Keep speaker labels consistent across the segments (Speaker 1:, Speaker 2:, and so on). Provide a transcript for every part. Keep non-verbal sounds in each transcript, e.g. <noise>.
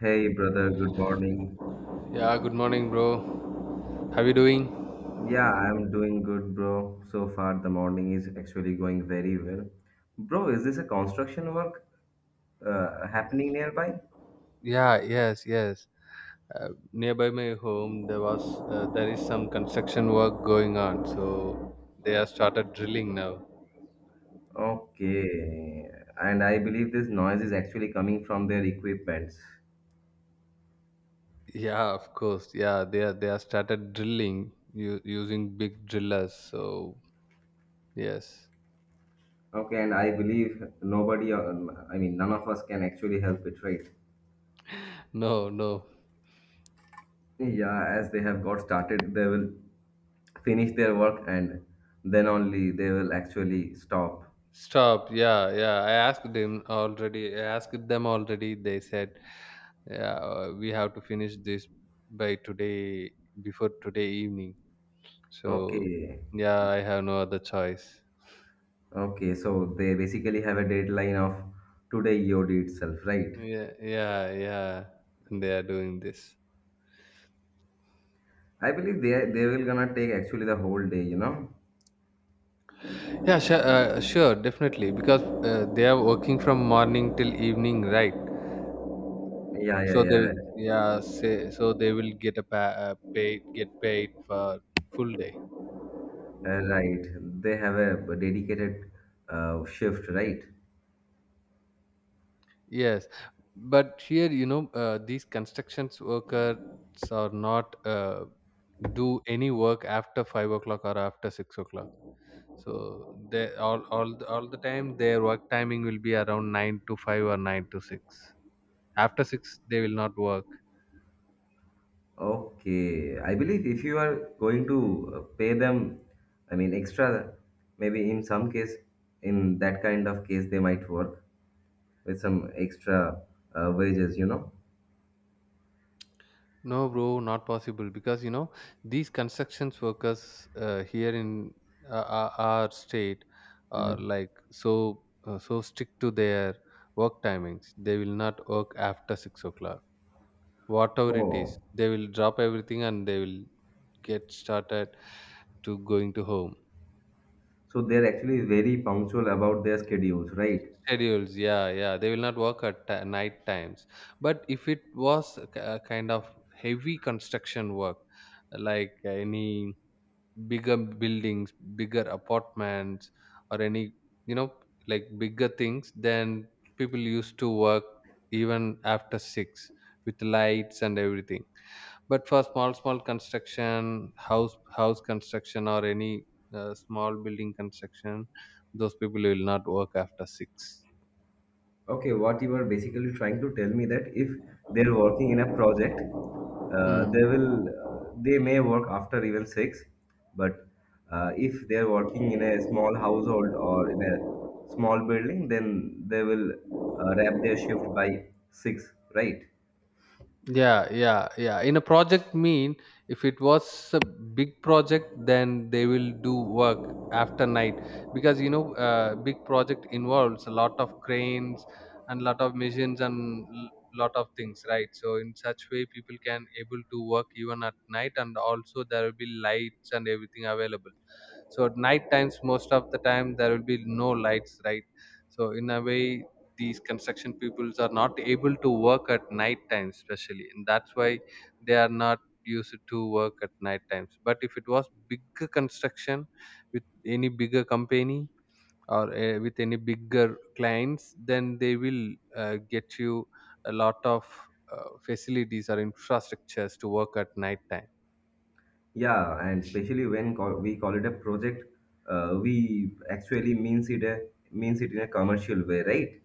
Speaker 1: Hey brother, good morning.
Speaker 2: Yeah, good morning, bro. How you doing?
Speaker 1: Yeah, I'm doing good, bro. So far, the morning is actually going very well. Bro, is this a construction work happening nearby?
Speaker 2: Yeah, yes, yes. Nearby my home, there is some construction work going on, so they have started drilling now.
Speaker 1: Okay, and I believe this noise is actually coming from their equipments.
Speaker 2: Yeah, of course. Yeah, they have started drilling using big drillers. So yes,
Speaker 1: Okay, and I believe nobody, I mean, none of us can actually help it, right?
Speaker 2: no, no.
Speaker 1: Yeah, as they have got started, they will finish their work and then only they will actually stop.
Speaker 2: Stop. Yeah, yeah. I asked them already. They said, yeah, we have to finish this by today before today evening. So,
Speaker 1: Okay.
Speaker 2: yeah, I have no other choice.
Speaker 1: Okay, so they basically have a deadline of today EOD itself, right?
Speaker 2: Yeah, yeah, yeah. And they are doing this.
Speaker 1: I believe they will gonna take actually the whole day, you know?
Speaker 2: Yeah, sure, definitely, because they are working from morning till evening, right?
Speaker 1: Yeah,
Speaker 2: So
Speaker 1: yeah,
Speaker 2: they,
Speaker 1: yeah.
Speaker 2: will- yeah, say, so they will get paid for full day.
Speaker 1: Right. They have a dedicated shift, right?
Speaker 2: Yes, but here, you know, these constructions workers are not do any work after 5 o'clock or after 6 o'clock. So they all the time their work timing will be around 9 to 5 or 9 to 6. After 6 they will not work.
Speaker 1: Okay. I believe if you are going to pay them, I mean, extra, maybe in some case, in that kind of case, they might work with some extra wages, you know?
Speaker 2: No bro, not possible, because you know these constructions workers, here in our state,
Speaker 1: Hmm.
Speaker 2: are like so so strict to their work timings. They will not work after 6 o'clock, whatever it is.
Speaker 1: Oh.
Speaker 2: They will drop everything and they will get started to going to home.
Speaker 1: So they're actually very punctual about their schedules, right?
Speaker 2: Schedules, yeah, yeah, they will not work at night times. But if it was a a kind of heavy construction work like any bigger buildings, bigger apartments, or any, you know, like bigger things, then people used to work even after 6 with lights and everything. But for small small construction, house house construction, or any small building construction, those people will not work after 6.
Speaker 1: Okay, what you are basically trying to tell me that if they're working in a project,
Speaker 2: Mm.
Speaker 1: they may work after even six, but if they're working in a small household or in a small building, then they will wrap their shift by six, right?
Speaker 2: Yeah, yeah, yeah. In a project mean, if it was a big project, then they will do work after night, because you know big project involves a lot of cranes and lot of machines and lot of things, right? So in such way, people can able to work even at night, and also there will be lights and everything available. So at night times, most of the time there will be no lights, right? So in a way, these construction peoples are not able to work at night time especially, and that's why they are not used to work at night times. But if it was bigger construction with any bigger company or with any bigger clients, then they will get you a lot of facilities or infrastructures to work at night time.
Speaker 1: Yeah, and especially when call, we call it a project, we actually means it in a commercial way, right?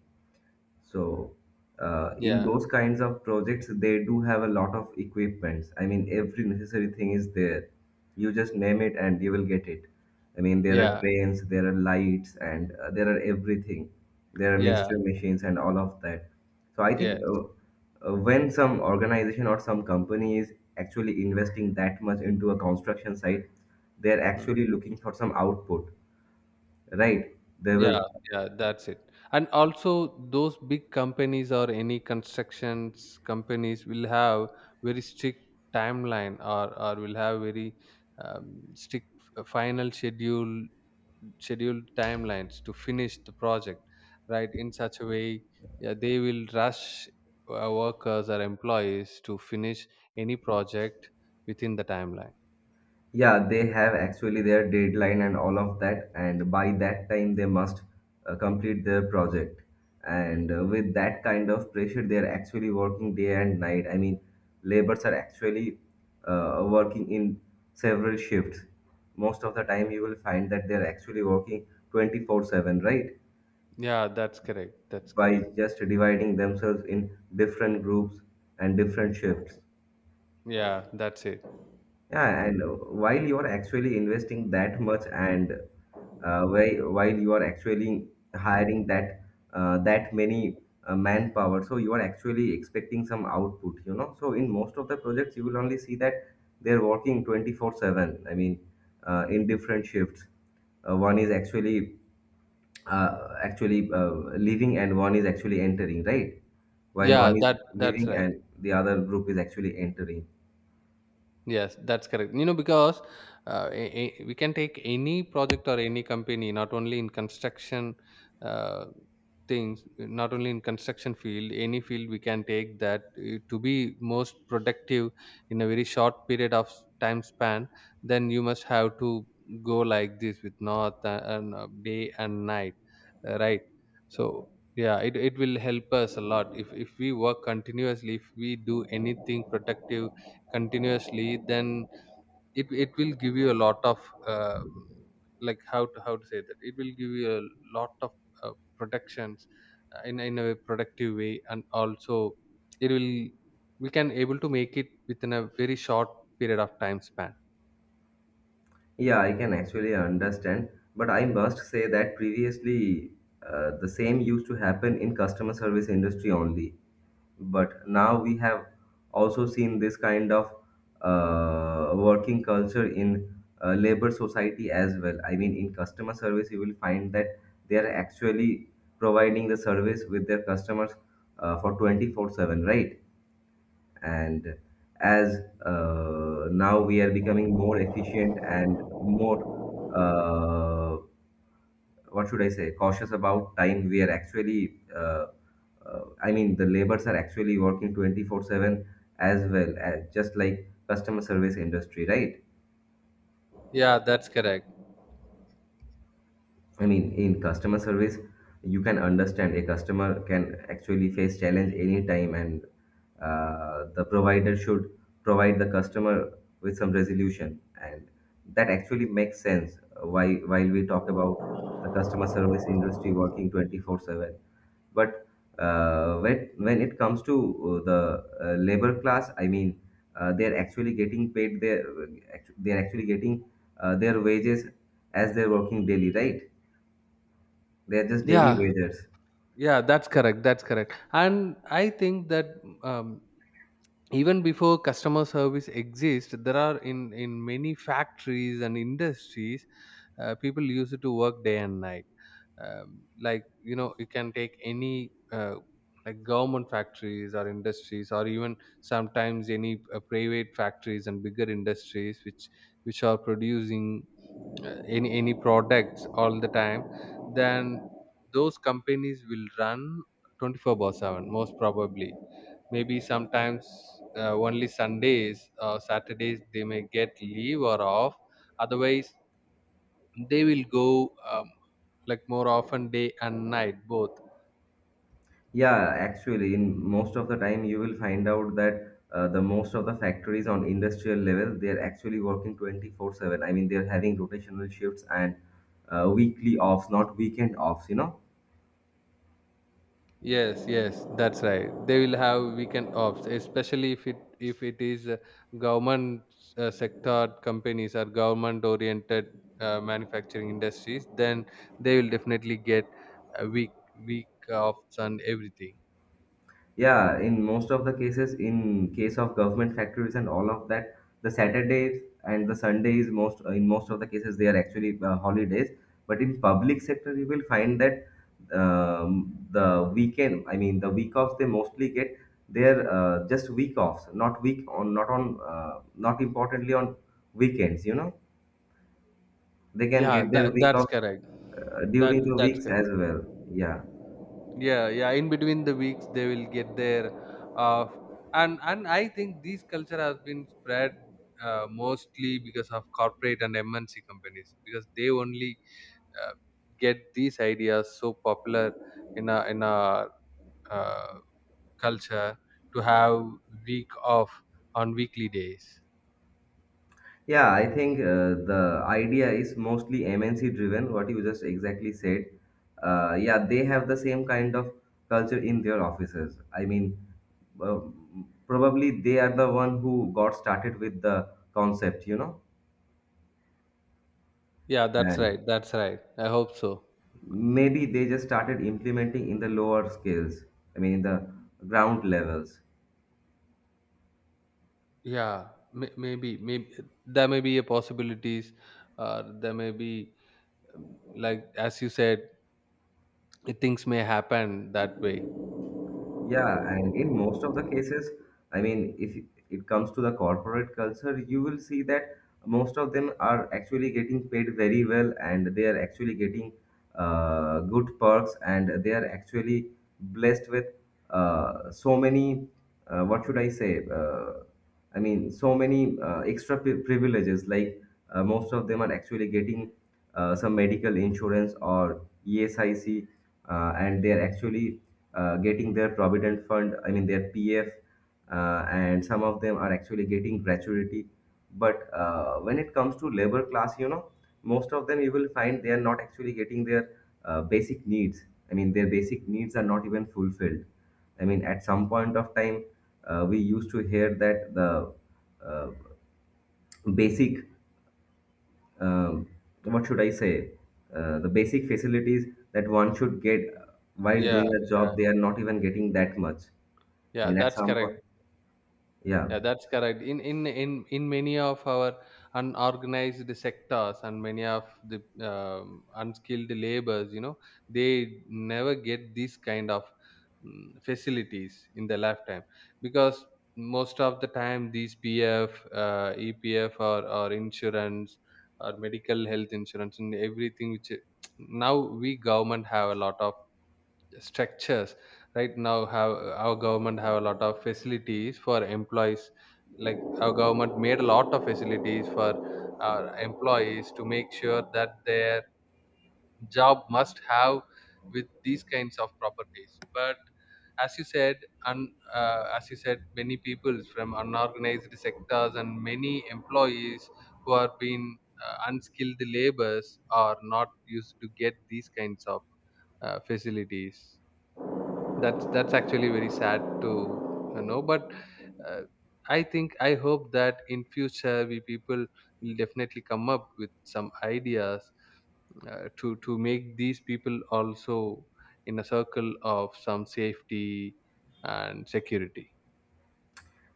Speaker 1: So, in
Speaker 2: Yeah.
Speaker 1: those kinds of projects, they do have a lot of equipments. I mean, every necessary thing is there. You just name it and you will get it. I mean, there are
Speaker 2: Yeah.
Speaker 1: trains, there are lights, and there are everything. There are
Speaker 2: Yeah.
Speaker 1: mixture machines and all of that. So, I think
Speaker 2: Yes.
Speaker 1: when some organization or some company is actually investing that much into a construction site, they're actually looking for some output, right? They
Speaker 2: Yeah,
Speaker 1: will.
Speaker 2: yeah, that's it. And also, those big companies or any constructions companies will have very strict timeline, or will have very strict final scheduled timelines to finish the project, right? In such a way, yeah, they will rush workers or employees to finish any project within the timeline.
Speaker 1: Yeah, they have actually their deadline and all of that, and by that time they must complete their project. And with that kind of pressure, they are actually working day and night. I mean, laborers are actually working in several shifts. Most of the time, you will find that they are actually working 24/7, right?
Speaker 2: Yeah, that's correct. That's
Speaker 1: By
Speaker 2: correct.
Speaker 1: just dividing themselves in different groups and different shifts.
Speaker 2: Yeah, that's it.
Speaker 1: Yeah, and while you are actually investing that much, and whi- while you are actually hiring that many manpower, so you are actually expecting some output, you know. So in most of the projects, you will only see that they're working 24/7. I mean, in different shifts. One is actually leaving, and one is actually entering, right? While
Speaker 2: Yeah,
Speaker 1: one is
Speaker 2: that that's
Speaker 1: leaving,
Speaker 2: right.
Speaker 1: and the other group is actually entering.
Speaker 2: Yes, that's correct. You know, because we can take any project or any company, not only in construction uh, things, not only in construction field. Any field we can take that to be most productive in a very short period of time span, then you must have to go like this with north and day and night, right? So yeah, it will help us a lot if we work continuously. If we do anything productive continuously, then it will give you a lot of uh, like how to say that it will give you a lot of uh, protections in a productive way, and also it will, we can able to make it within a very short period of time span.
Speaker 1: Yeah, I can actually understand, but I must say that previously the same used to happen in customer service industry only. But now we have also seen this kind of working culture in labor society as well. I mean, in customer service, you will find that they are actually providing the service with their customers for 24/7, right? And as now we are becoming more efficient and more uh, what should I say, cautious about time, we are actually I mean the labors are actually working 24/7 as well as just like customer service industry, right?
Speaker 2: Yeah, that's correct.
Speaker 1: I mean, in customer service, you can understand a customer can actually face challenge anytime, and the provider should provide the customer with some resolution, and that actually makes sense. Why while we talk about the customer service industry working 24/7, but when it comes to the labor class, I mean, uh, they're actually getting paid their they're actually getting their wages as they're working daily, right? They're just daily
Speaker 2: Yeah,
Speaker 1: wagers.
Speaker 2: yeah, that's correct. That's correct. And I think that um, even before customer service exists, there are in many factories and industries, people used to work day and night. Like you know, you can take any like government factories or industries, or even sometimes any private factories and bigger industries which are producing any products all the time. Then those companies will run 24 by 7, most probably. Maybe sometimes only sundays or saturdays they may get leave or off, otherwise they will go um, like more often day and night both.
Speaker 1: Yeah, actually, in most of the time, you will find out that the most of the factories on industrial level, they're actually working 24/7. I mean, they're having rotational shifts and weekly offs, not weekend offs, you know?
Speaker 2: Yes, yes, that's right. They will have weekend offs, especially if it is government sector companies or government oriented manufacturing industries. Then they will definitely get a week offs and everything.
Speaker 1: Yeah, in most of the cases, in case of government factories and all of that, the Saturdays and the Sundays, most in most of the cases, they are actually holidays. But in public sector, you will find that the weekend, I mean, the week offs, they mostly get their just week offs, not week on, not importantly on weekends. You know, they can
Speaker 2: Yeah,
Speaker 1: get their
Speaker 2: that,
Speaker 1: week
Speaker 2: that's
Speaker 1: offs
Speaker 2: correct.
Speaker 1: during
Speaker 2: That
Speaker 1: the
Speaker 2: that's
Speaker 1: weeks as
Speaker 2: correct.
Speaker 1: well. Yeah.
Speaker 2: Yeah, yeah, in between the weeks they will get their uh, and I think this culture has been spread mostly because of corporate and MNC companies, because they only uh, get these ideas so popular in a in our uh, culture to have week off on weekly days.
Speaker 1: Yeah, I think the idea is mostly MNC driven, what you just exactly said. Yeah, they have the same kind of culture in their offices. I mean, uh, probably they are the one who got started with the concept, you know,
Speaker 2: Yeah, that's
Speaker 1: and
Speaker 2: right, that's right, I hope so.
Speaker 1: maybe they just started implementing in the lower scales, I mean, in the ground levels.
Speaker 2: Yeah, maybe there may be a possibilities, there may be, like as you said, things may happen that way.
Speaker 1: Yeah, and in most of the cases, I mean, if it comes to the corporate culture, you will see that most of them are actually getting paid very well and they are actually getting good perks and they are actually blessed with so many, what should I say? I mean, so many extra privileges, like most of them are actually getting some medical insurance or ESIC, and they are actually getting their provident fund, I mean their PF, and some of them are actually getting gratuity. But when it comes to labor class, you know, most of them you will find they are not actually getting their basic needs. I mean, their basic needs are not even fulfilled. I mean, at some point of time, we used to hear that the uh, basic, um, what should I say, the basic facilities that one should get while
Speaker 2: Yeah,
Speaker 1: doing a
Speaker 2: yeah,
Speaker 1: job, they are not even getting that much. I
Speaker 2: yeah,
Speaker 1: mean, at
Speaker 2: that's
Speaker 1: some point,
Speaker 2: correct.
Speaker 1: yeah,
Speaker 2: Yeah, that's correct. In many of our unorganized sectors and many of the unskilled labors, you know, they never get these kind of facilities in their lifetime, because most of the time these EPF, or insurance or medical health insurance and everything which <tsk> now we government have a lot of structures, right now have our government have a lot of facilities for employees. Like our government made a lot of facilities for our employees to make sure that their job must have with these kinds of properties. But as you said, and as you said, many people from unorganized sectors and many employees who are being unskilled labors are not used to get these kinds of facilities. That's actually very sad to know, but uh, I think I hope that in future we people will definitely come up with some ideas to make these people also in a circle of some safety and security.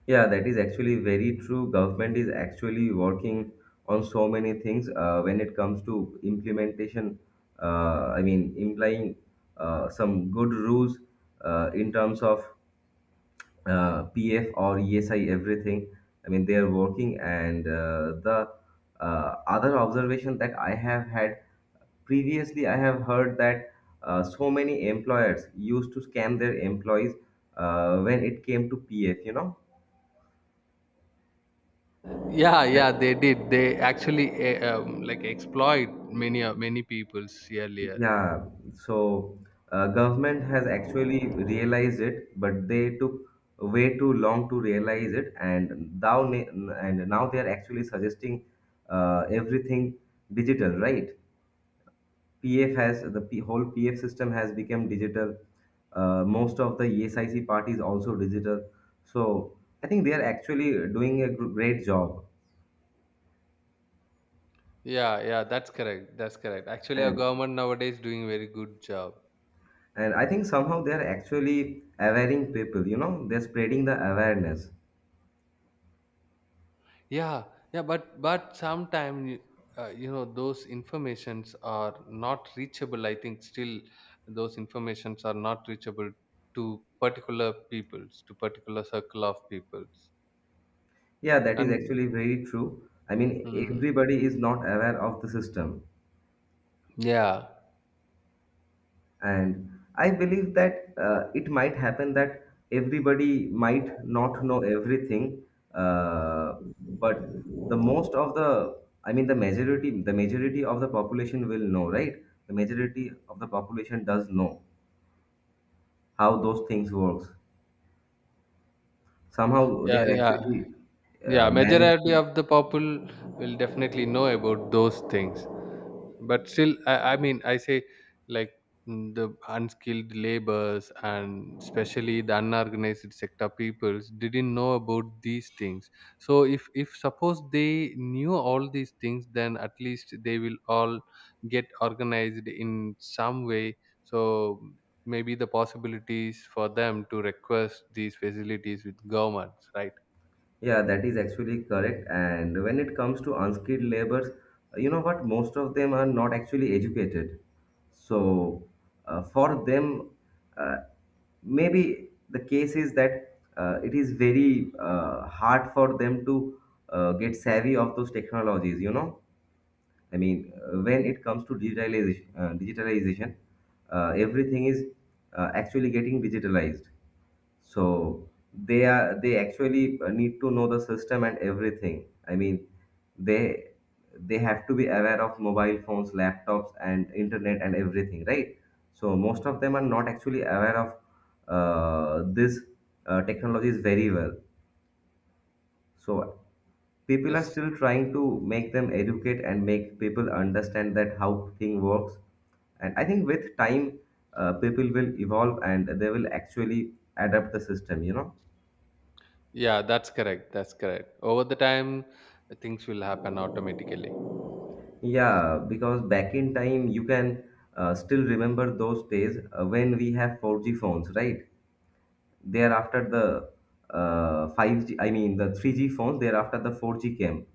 Speaker 1: yeah, that is actually very true. Government is actually working on so many things when it comes to implementation. I mean, implying some good rules in terms of PF or ESI, everything. I mean, they are working, and the other observation that I have had. Previously, I have heard that so many employers used to scam their employees when it came to PF, you know?
Speaker 2: Yeah, yeah, they did. They actually like exploit many peoples earlier.
Speaker 1: Yeah, so government has actually realized it, but they took way too long to realize it, and now they are actually suggesting everything digital, right? PF has the P, whole PF system has become digital. Most of the ESIC part is also digital. So I think they are actually doing a great job,
Speaker 2: Yeah, yeah, that's correct, that's correct. Actually our
Speaker 1: and
Speaker 2: government nowadays doing very good job.
Speaker 1: and I think somehow they are actually awareing people. You know, they're spreading the awareness.
Speaker 2: Yeah, yeah, but sometimes you know those informations are not reachable. I think still those informations are not reachable to particular peoples, to particular circle of peoples.
Speaker 1: Yeah, that is
Speaker 2: And
Speaker 1: actually very true. I mean,
Speaker 2: hmm,
Speaker 1: everybody is not aware of the system.
Speaker 2: yeah.
Speaker 1: And I believe that it might happen that everybody might not know everything, uh, but the most of the, I mean the majority, the majority of the population will know, right? The majority of the population does know how those things works. Somehow they
Speaker 2: Yeah.
Speaker 1: are
Speaker 2: Yeah.
Speaker 1: actually
Speaker 2: Yeah,
Speaker 1: managed
Speaker 2: majority
Speaker 1: to.
Speaker 2: of the people will definitely know about those things. But still I mean, I say like the unskilled labors, and especially the unorganized sector peoples, didn't know about these things. So if suppose they knew all these things, then at least they will all get organized in some way. So maybe the possibilities for them to request these facilities with governments, right?
Speaker 1: Yeah, that is actually correct. And when it comes to unskilled laborers, you know what? Most of them are not actually educated. So for them, uh, maybe the case is that it is very hard for them to get savvy of those technologies. You know, I mean, when it comes to digitalization, everything is actually getting digitalized. So they actually need to know the system and everything. I mean, they they have to be aware of mobile phones, laptops, and internet and everything, right? So most of them are not actually aware of this technologies very well. So people are
Speaker 2: Yes,
Speaker 1: still trying to make them educate and make people understand that how thing works. And I think with time, people will evolve and they will actually adapt the system. You know.
Speaker 2: yeah, that's correct, that's correct. Over the time, things will happen automatically.
Speaker 1: Yeah, because back in time, you can still remember those days when we have 4G phones, right? Thereafter, the 3G phones, thereafter, the 4G came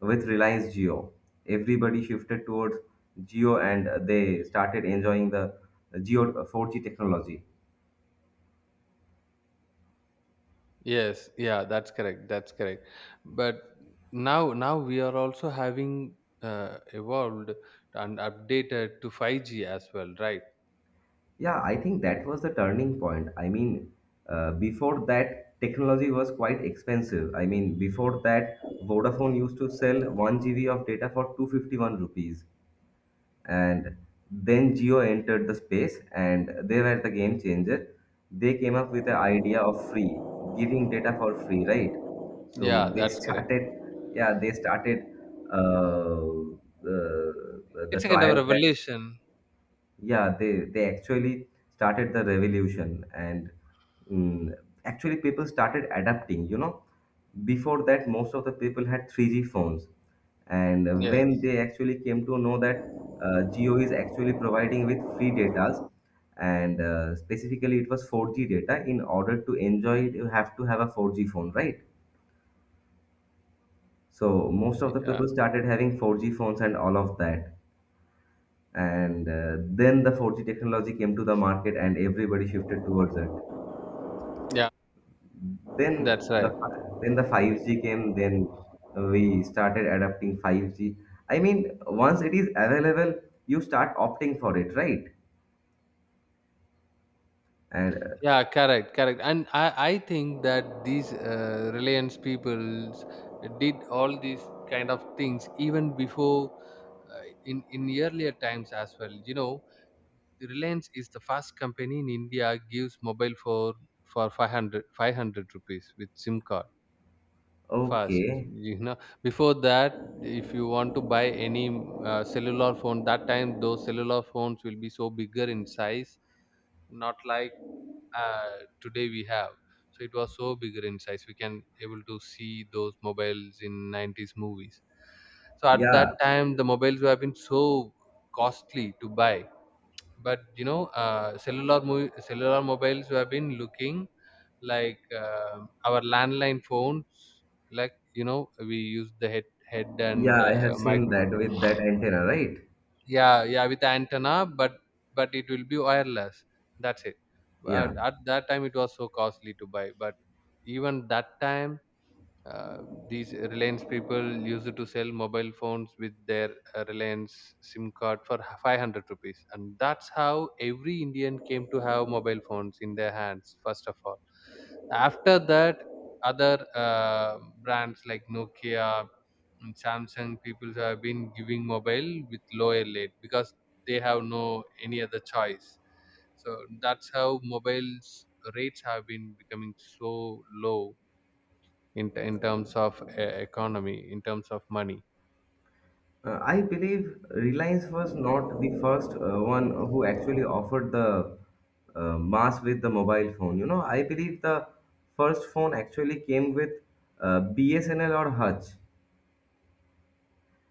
Speaker 1: with Reliance Geo. Everybody shifted towards Geo and they started enjoying the Geo 4G technology.
Speaker 2: Yes, yeah, that's correct. That's correct. But now, now we are also having evolved and updated to 5G as well, right?
Speaker 1: Yeah, I think that was the turning point. I mean, before that, technology was quite expensive. I mean, before that, Vodafone used to sell 1 GB of data for 251 rupees. And then Geo entered the space and they were the game changer. They came up with the idea of free, giving data for free, right?
Speaker 2: Yeah,
Speaker 1: So they <laughs>
Speaker 2: that's correct.
Speaker 1: started, yeah, they started uh, uh,
Speaker 2: It's
Speaker 1: the
Speaker 2: a kind of
Speaker 1: trial packs.
Speaker 2: revolution.
Speaker 1: Yeah, they actually started the revolution, and mm, actually people started adapting. You know, before that, most of the people had 3G phones, and when
Speaker 2: Yes,
Speaker 1: they actually came to know that Geo is actually providing with free data, and specifically it was 4G data. In order to enjoy it, you have to have a 4G phone, right? So most of the
Speaker 2: yeah,
Speaker 1: people started having 4G phones and all of that. And then the 4G technology came to the market and everybody shifted towards it.
Speaker 2: yeah,
Speaker 1: Then
Speaker 2: that's right.
Speaker 1: then the 5G came. Then we started adapting 5G. I mean, once it is available, you start opting for it, right? And
Speaker 2: Yeah, correct, correct. And I think that these Reliance peoples did all these kind of things even before in earlier times as well. You know, Reliance is the first company in India gives mobile for 500, 500 rupees with SIM card. First,
Speaker 1: okay,
Speaker 2: you know, before that, if you want to buy any cellular phone, that time those cellular phones will be so bigger in size, not like uh, today we have. So it was so bigger in size. We can able to see those mobiles in 90s movies. So at
Speaker 1: yeah,
Speaker 2: that time, the mobiles would have been so costly to buy, but cellular mobiles have been looking like our landline phones. Like, we use the head and
Speaker 1: yeah, I have seen that
Speaker 2: microphone.
Speaker 1: with that antenna, right?
Speaker 2: Yeah, yeah, with antenna, but it will be wireless. That's it. But
Speaker 1: Yeah.
Speaker 2: at that time, it was so costly to buy, but even that time, uh, these Reliance people used to sell mobile phones with their Reliance SIM card for 500 rupees, and that's how every Indian came to have mobile phones in their hands, first of all. After that, other brands like Nokia, Samsung people have been giving mobile with lower rate because they have no any other choice. So that's how mobiles rates have been becoming so low, in terms of economy, in terms of money.
Speaker 1: I believe Reliance was not the first one who actually offered the mass with the mobile phone. You know, I believe the first phone actually came with BSNL or Hutch.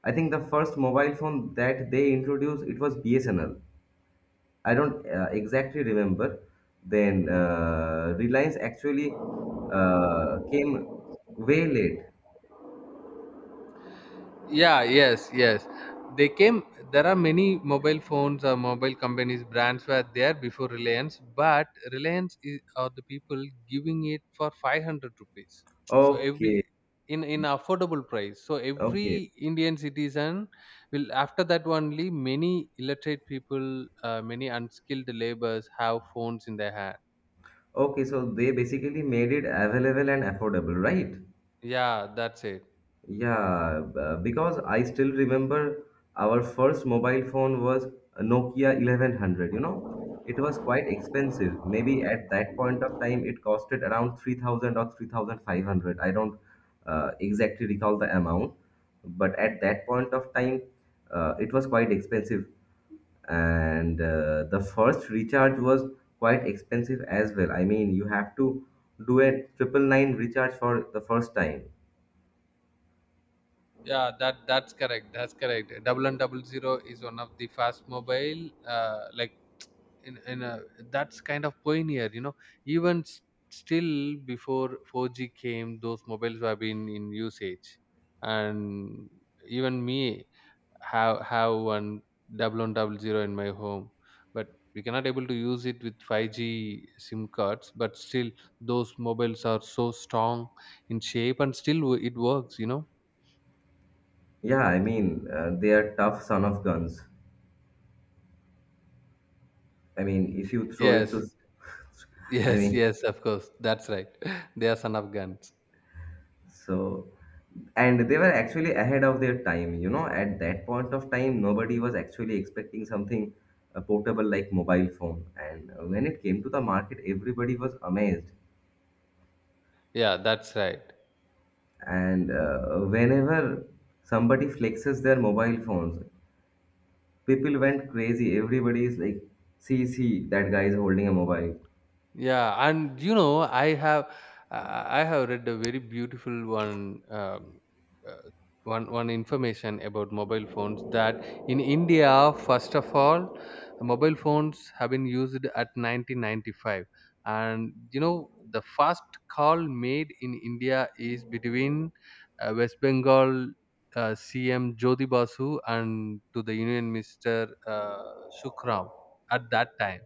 Speaker 1: I think the first mobile phone that they introduced it was BSNL. I don't exactly remember. Then Reliance actually came way late.
Speaker 2: Yeah, yes, yes, they came. There are many mobile phones or mobile companies brands were there before Reliance, but Reliance is, are the people giving it for 500 rupees. So every
Speaker 1: Okay,
Speaker 2: in affordable price, so
Speaker 1: okay,
Speaker 2: every Indian citizen will, after that only many illiterate people, many unskilled laborers, have phones in their hand.
Speaker 1: okay. So they basically made it available and affordable, right?
Speaker 2: Yeah, that's it.
Speaker 1: Yeah, because I still remember our first mobile phone was a Nokia 1100, you know. It was quite expensive. Maybe at that point of time it costed around 3,000 or 3,500. I don't exactly recall the amount, but at that point of time it was quite expensive. And the first recharge was quite expensive as well. I mean, you have to do a triple nine recharge for the first time.
Speaker 2: Yeah, that's correct, that's correct. Double and double zero is one of the fast mobile, like, in a that's kind of pioneer, even still before 4G came, those mobiles have been in usage. And even me have one 1100 in my home. But we cannot able to use it with 5G SIM cards, but still those mobiles are so strong in shape, and still it works.
Speaker 1: Yeah, I mean, they are tough son of guns. I mean, if you throw it
Speaker 2: Yes.
Speaker 1: to,
Speaker 2: <laughs>
Speaker 1: <laughs> I
Speaker 2: Yes,
Speaker 1: mean,
Speaker 2: yes, of course, that's right. <laughs> They are son of guns.
Speaker 1: so, and they were actually ahead of their time, you know, at that point of time, nobody was actually expecting something portable like mobile phone. And when it came to the market, everybody was amazed.
Speaker 2: Yeah, that's right.
Speaker 1: And whenever somebody flexes their mobile phones, people went crazy. Everybody is like, see, see, that guy is holding a mobile.
Speaker 2: Yeah, I have read a very beautiful uh, one information about mobile phones that in India, first of all, mobile phones have been used at 1995. And, the first call made in India is between West Bengal. CM Jyoti Basu, and to the Union Minister, Shukram, at that time.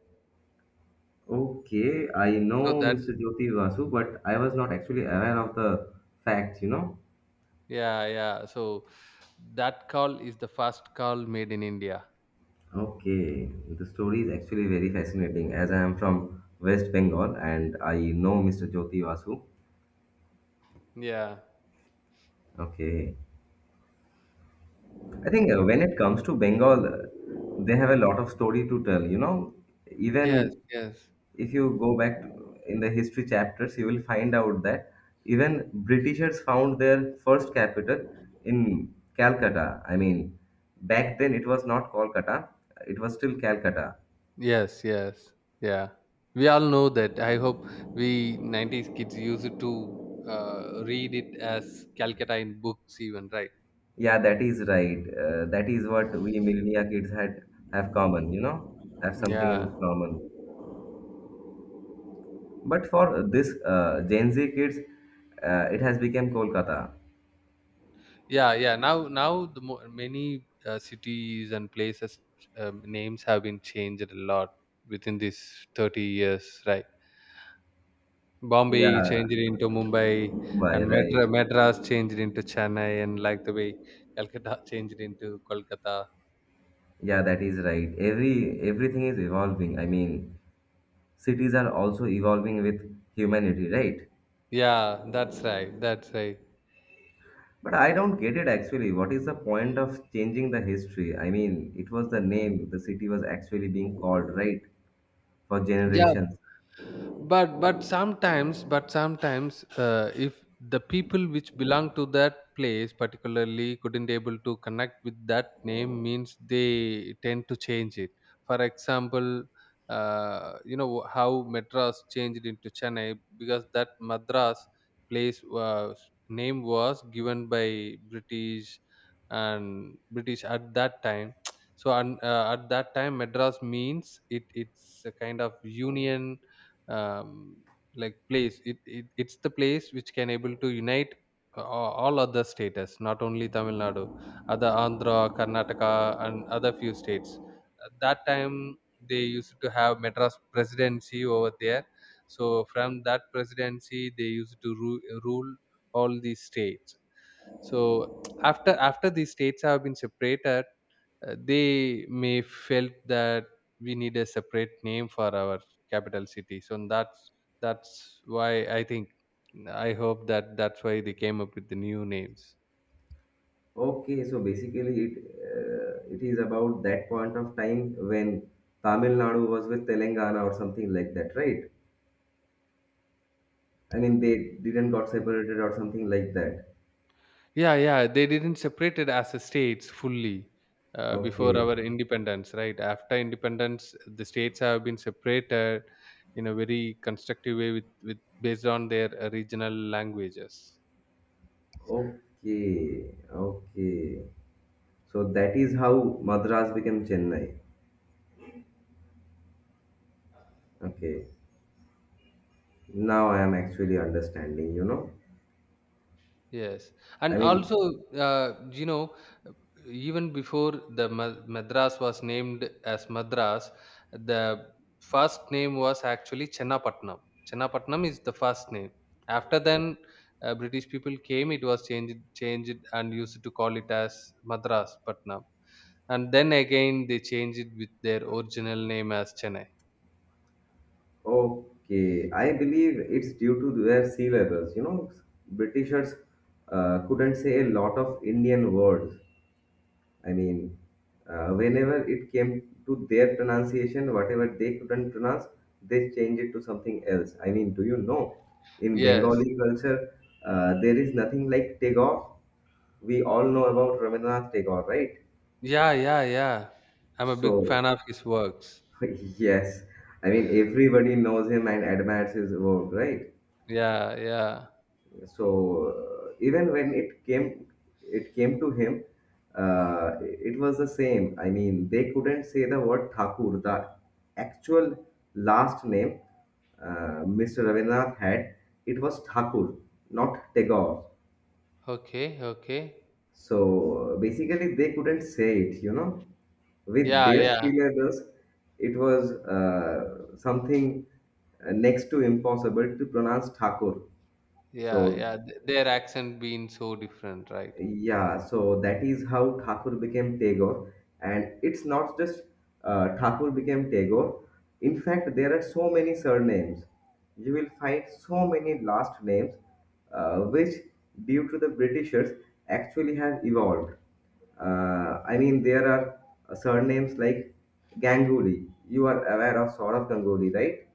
Speaker 1: Okay, I
Speaker 2: So
Speaker 1: know
Speaker 2: that
Speaker 1: Mr. Jyoti Vasu, but I was not actually aware of the facts, you know.
Speaker 2: Yeah, yeah. So that call is the first call made in India.
Speaker 1: Okay, the story is actually very fascinating as I am from West Bengal and I know Mr. Jyoti Vasu.
Speaker 2: Yeah.
Speaker 1: Okay, I think when it comes to Bengal, they have a lot of story to tell, you know.
Speaker 2: Yes,
Speaker 1: Even
Speaker 2: yes.
Speaker 1: if you go back to, in the history chapters, you will find out that even Britishers found their first capital in Calcutta. I mean, back then it was not Kolkata, it was still Calcutta.
Speaker 2: Yes, yes. Yeah. We all know that. I hope we 90s kids used to read it as Calcutta in books even, right?
Speaker 1: Yeah, that is right. That is what we millennia kids had have have something
Speaker 2: Yeah.
Speaker 1: in common. But for this Gen Z kids, it has become Kolkata.
Speaker 2: Yeah, yeah. Now the many cities and places names have been changed a lot within these 30 years, right?
Speaker 1: Yeah,
Speaker 2: Bombay changed into Mumbai,
Speaker 1: Mumbai,
Speaker 2: and
Speaker 1: right.
Speaker 2: Madras changed into Chennai, and like the way Calcutta <laughs> changed into Kolkata.
Speaker 1: Yeah, that is right. Everything is evolving. I mean, cities are also evolving with humanity, right?
Speaker 2: Yeah, that's right. That's right.
Speaker 1: But I don't get it, actually. What is the point of changing the history? I mean, it was the name the city was actually being called, right, for
Speaker 2: Yeah,
Speaker 1: generations.
Speaker 2: but sometimes, if the people which belong to that place particularly couldn't able to connect with that name, means they tend to change it. For example, you know how Madras changed into Chennai. Because that Madras place was, name was given by British, and British at that time. <tsk> So, at that time, Madras means it's a kind of union, um, like place. It's the place which can able to unite all other states, not only Tamil Nadu, other Andhra, Karnataka, and other few states. At that time, they used to have Madras presidency over there. So from that presidency they used to rule all these states. So after these states have been separated, they may felt that we need a separate name for our capital city. So that's why I think, I hope that that's why they came up with the new names.
Speaker 1: Okay, so basically it, it is about that point of time when Tamil Nadu was with Telangana or something like that, right? I mean they didn't got separated or something like that.
Speaker 2: Yeah, yeah, they didn't separate it as a states fully. Before
Speaker 1: Okay,
Speaker 2: our independence, right after independence, the states have been separated in a very constructive way, with based on their regional languages.
Speaker 1: okay, okay. So that is how Madras became Chennai. Okay, now I am actually understanding, you know.
Speaker 2: Yes, and
Speaker 1: I mean,
Speaker 2: also, uh, you know, even before the Madras was named as Madras, the first name was actually Chennapatnam. Chennapatnam is the first name. After then, British people came. It was changed, and used to call it as Madras Patnam. And then again, they changed it with their original name as Chennai.
Speaker 1: okay, I believe it's due to their sea levels, you know. Britishers couldn't say a lot of Indian words. I mean, whenever it came to their pronunciation, whatever they couldn't pronounce, they changed it to something else. I mean, do you know? In
Speaker 2: Yes,
Speaker 1: Bengali culture, there is nothing like Tagore. We all know about Rabindranath Tagore, right?
Speaker 2: yeah, yeah, yeah. I'm a big fan
Speaker 1: So,
Speaker 2: of his works.
Speaker 1: <laughs> yes, I mean everybody knows him and admires his work, right?
Speaker 2: Yeah, yeah.
Speaker 1: So even when it came to him, it was the same. I mean, they couldn't say the word Thakur, the actual last name Mr. Rabindranath had. It was Thakur, not Tagore.
Speaker 2: Okay, okay.
Speaker 1: So basically, they couldn't say it, you know. With
Speaker 2: Yeah,
Speaker 1: their
Speaker 2: yeah,
Speaker 1: sea levels, it was something next to impossible to pronounce Thakur.
Speaker 2: yeah,
Speaker 1: So
Speaker 2: yeah. Their accent being so different, right?
Speaker 1: yeah, so that is how Thakur became Tagore. And it's not just Thakur became Tagore. In fact, there are so many surnames. You will find so many last names, which, due to the Britishers, actually have evolved. I mean, there are surnames like Ganguly. You are aware of sort of Ganguly, right?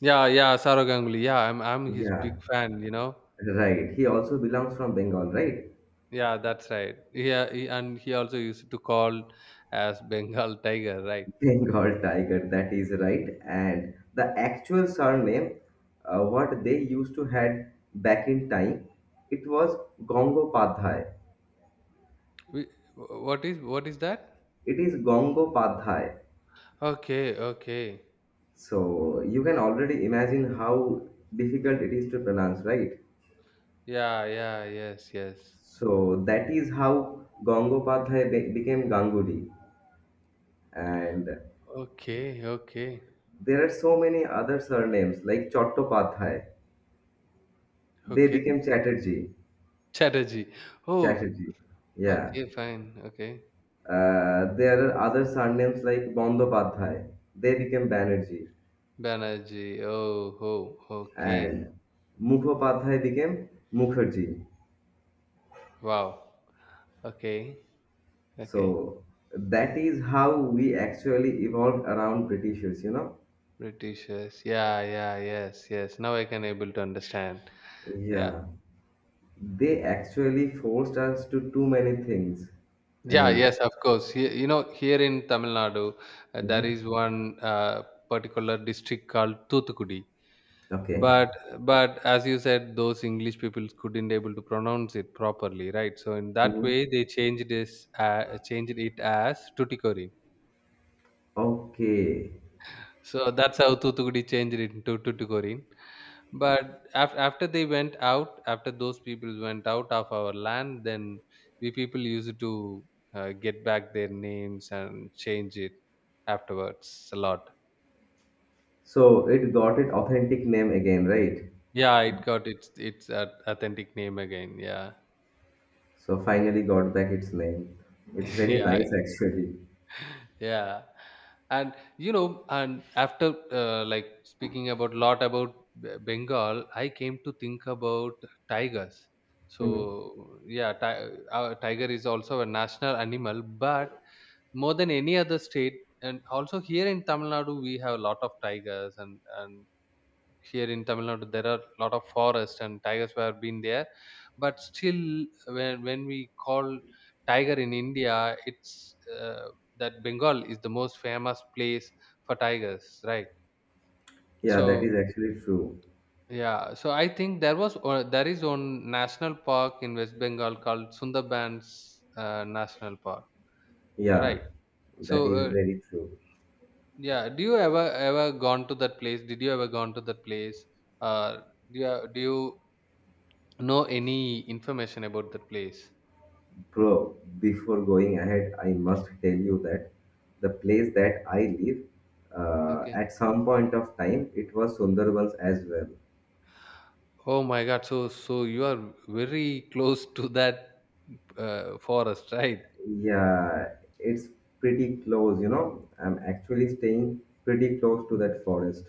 Speaker 2: Yeah, yeah, Saurav Ganguly. Yeah, I'm his big
Speaker 1: Yeah,
Speaker 2: fan.
Speaker 1: right. He also belongs from Bengal, right?
Speaker 2: Yeah, that's right. Yeah, he also used to call as Bengal Tiger, right?
Speaker 1: Bengal <laughs> tiger, that is right. And the actual surname, what they used to had back in time, it was Gongopadhyay.
Speaker 2: We- What is that?
Speaker 1: It is Gongopadhyay.
Speaker 2: Okay, okay.
Speaker 1: So you can already imagine how difficult it is to pronounce, right?
Speaker 2: Yeah, yeah, yes, yes.
Speaker 1: So that is how Gongopadhyay became Ganguly. And
Speaker 2: Okay, okay,
Speaker 1: there are so many other surnames like Chattopadhyay. They
Speaker 2: okay.
Speaker 1: became Chatterjee.
Speaker 2: Chatterjee. Oh,
Speaker 1: Chatterjee. Yeah.
Speaker 2: okay, fine. Okay.
Speaker 1: There are other surnames like Bandopadhyay. They became Banerjee,
Speaker 2: Banerjee. Oh, oh, okay.
Speaker 1: and Mukhopadhyay became Mukherjee.
Speaker 2: Wow. Okay, okay.
Speaker 1: So that is how we actually evolved around Britishers. You know,
Speaker 2: Britishers. Yeah, yeah, yes, yes. Now I can able to understand. Yeah.
Speaker 1: yeah, they actually forced us to too many things. I
Speaker 2: Yeah,
Speaker 1: mean,
Speaker 2: yes, of course. Here in Tamil Nadu, there
Speaker 1: mhm,
Speaker 2: is one particular district called Thuthukudi.
Speaker 1: okay,
Speaker 2: But but as you said, those English people couldn't able to pronounce it properly, right? So in that
Speaker 1: mhm,
Speaker 2: way, they changed changed it as Tuticorin.
Speaker 1: okay.
Speaker 2: So that's how Thuthukudi changed it into Tuticorin. But after they went out, after those people went out of our land, then we people used to get back their names and change it afterwards a lot.
Speaker 1: So it got its authentic name again, right?
Speaker 2: Yeah, it got its authentic name again. Yeah,
Speaker 1: So finally got back its name. It's
Speaker 2: <laughs>
Speaker 1: very
Speaker 2: yeah,
Speaker 1: nice actually.
Speaker 2: yeah. And after, like, speaking about lot about Bengal, I came to think about tigers.
Speaker 1: Mhm.
Speaker 2: So yeah, tiger is also a national animal, but more than any other state, and also here in Tamil Nadu, we have a lot of tigers, and here in Tamil Nadu there are a lot of forests and tigers were been there. But still, when we call tiger in India, it's that Bengal is the most famous place for tigers, right?
Speaker 1: Yeah, that
Speaker 2: So
Speaker 1: is actually true.
Speaker 2: yeah, so I think there is one national park in West Bengal called Sundarbans National Park,
Speaker 1: Yeah,
Speaker 2: right?
Speaker 1: that
Speaker 2: So
Speaker 1: is very true.
Speaker 2: yeah. Do you ever gone to that place? Did you ever gone to that place? Uh, do you know any information about that place?
Speaker 1: Bro, before going ahead, I must tell you that the place that I live,
Speaker 2: Okay.
Speaker 1: at some point of time, it was Sundarbans as well.
Speaker 2: Oh my God. So you are very close to that forest, right?
Speaker 1: Yeah, it's pretty close, you know. I'm actually staying pretty close to that forest.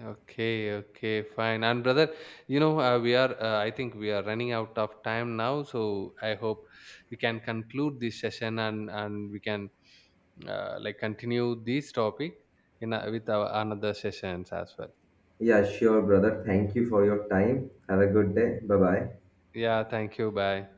Speaker 2: Okay, okay, fine. And brother, we are, I think we are running out of time now, so I hope we can conclude this session, and we can, like, continue this topic with our another sessions as well.
Speaker 1: Yeah, sure, brother. Thank you for your time. Have a good day. Bye bye.
Speaker 2: Yeah, thank you. Bye.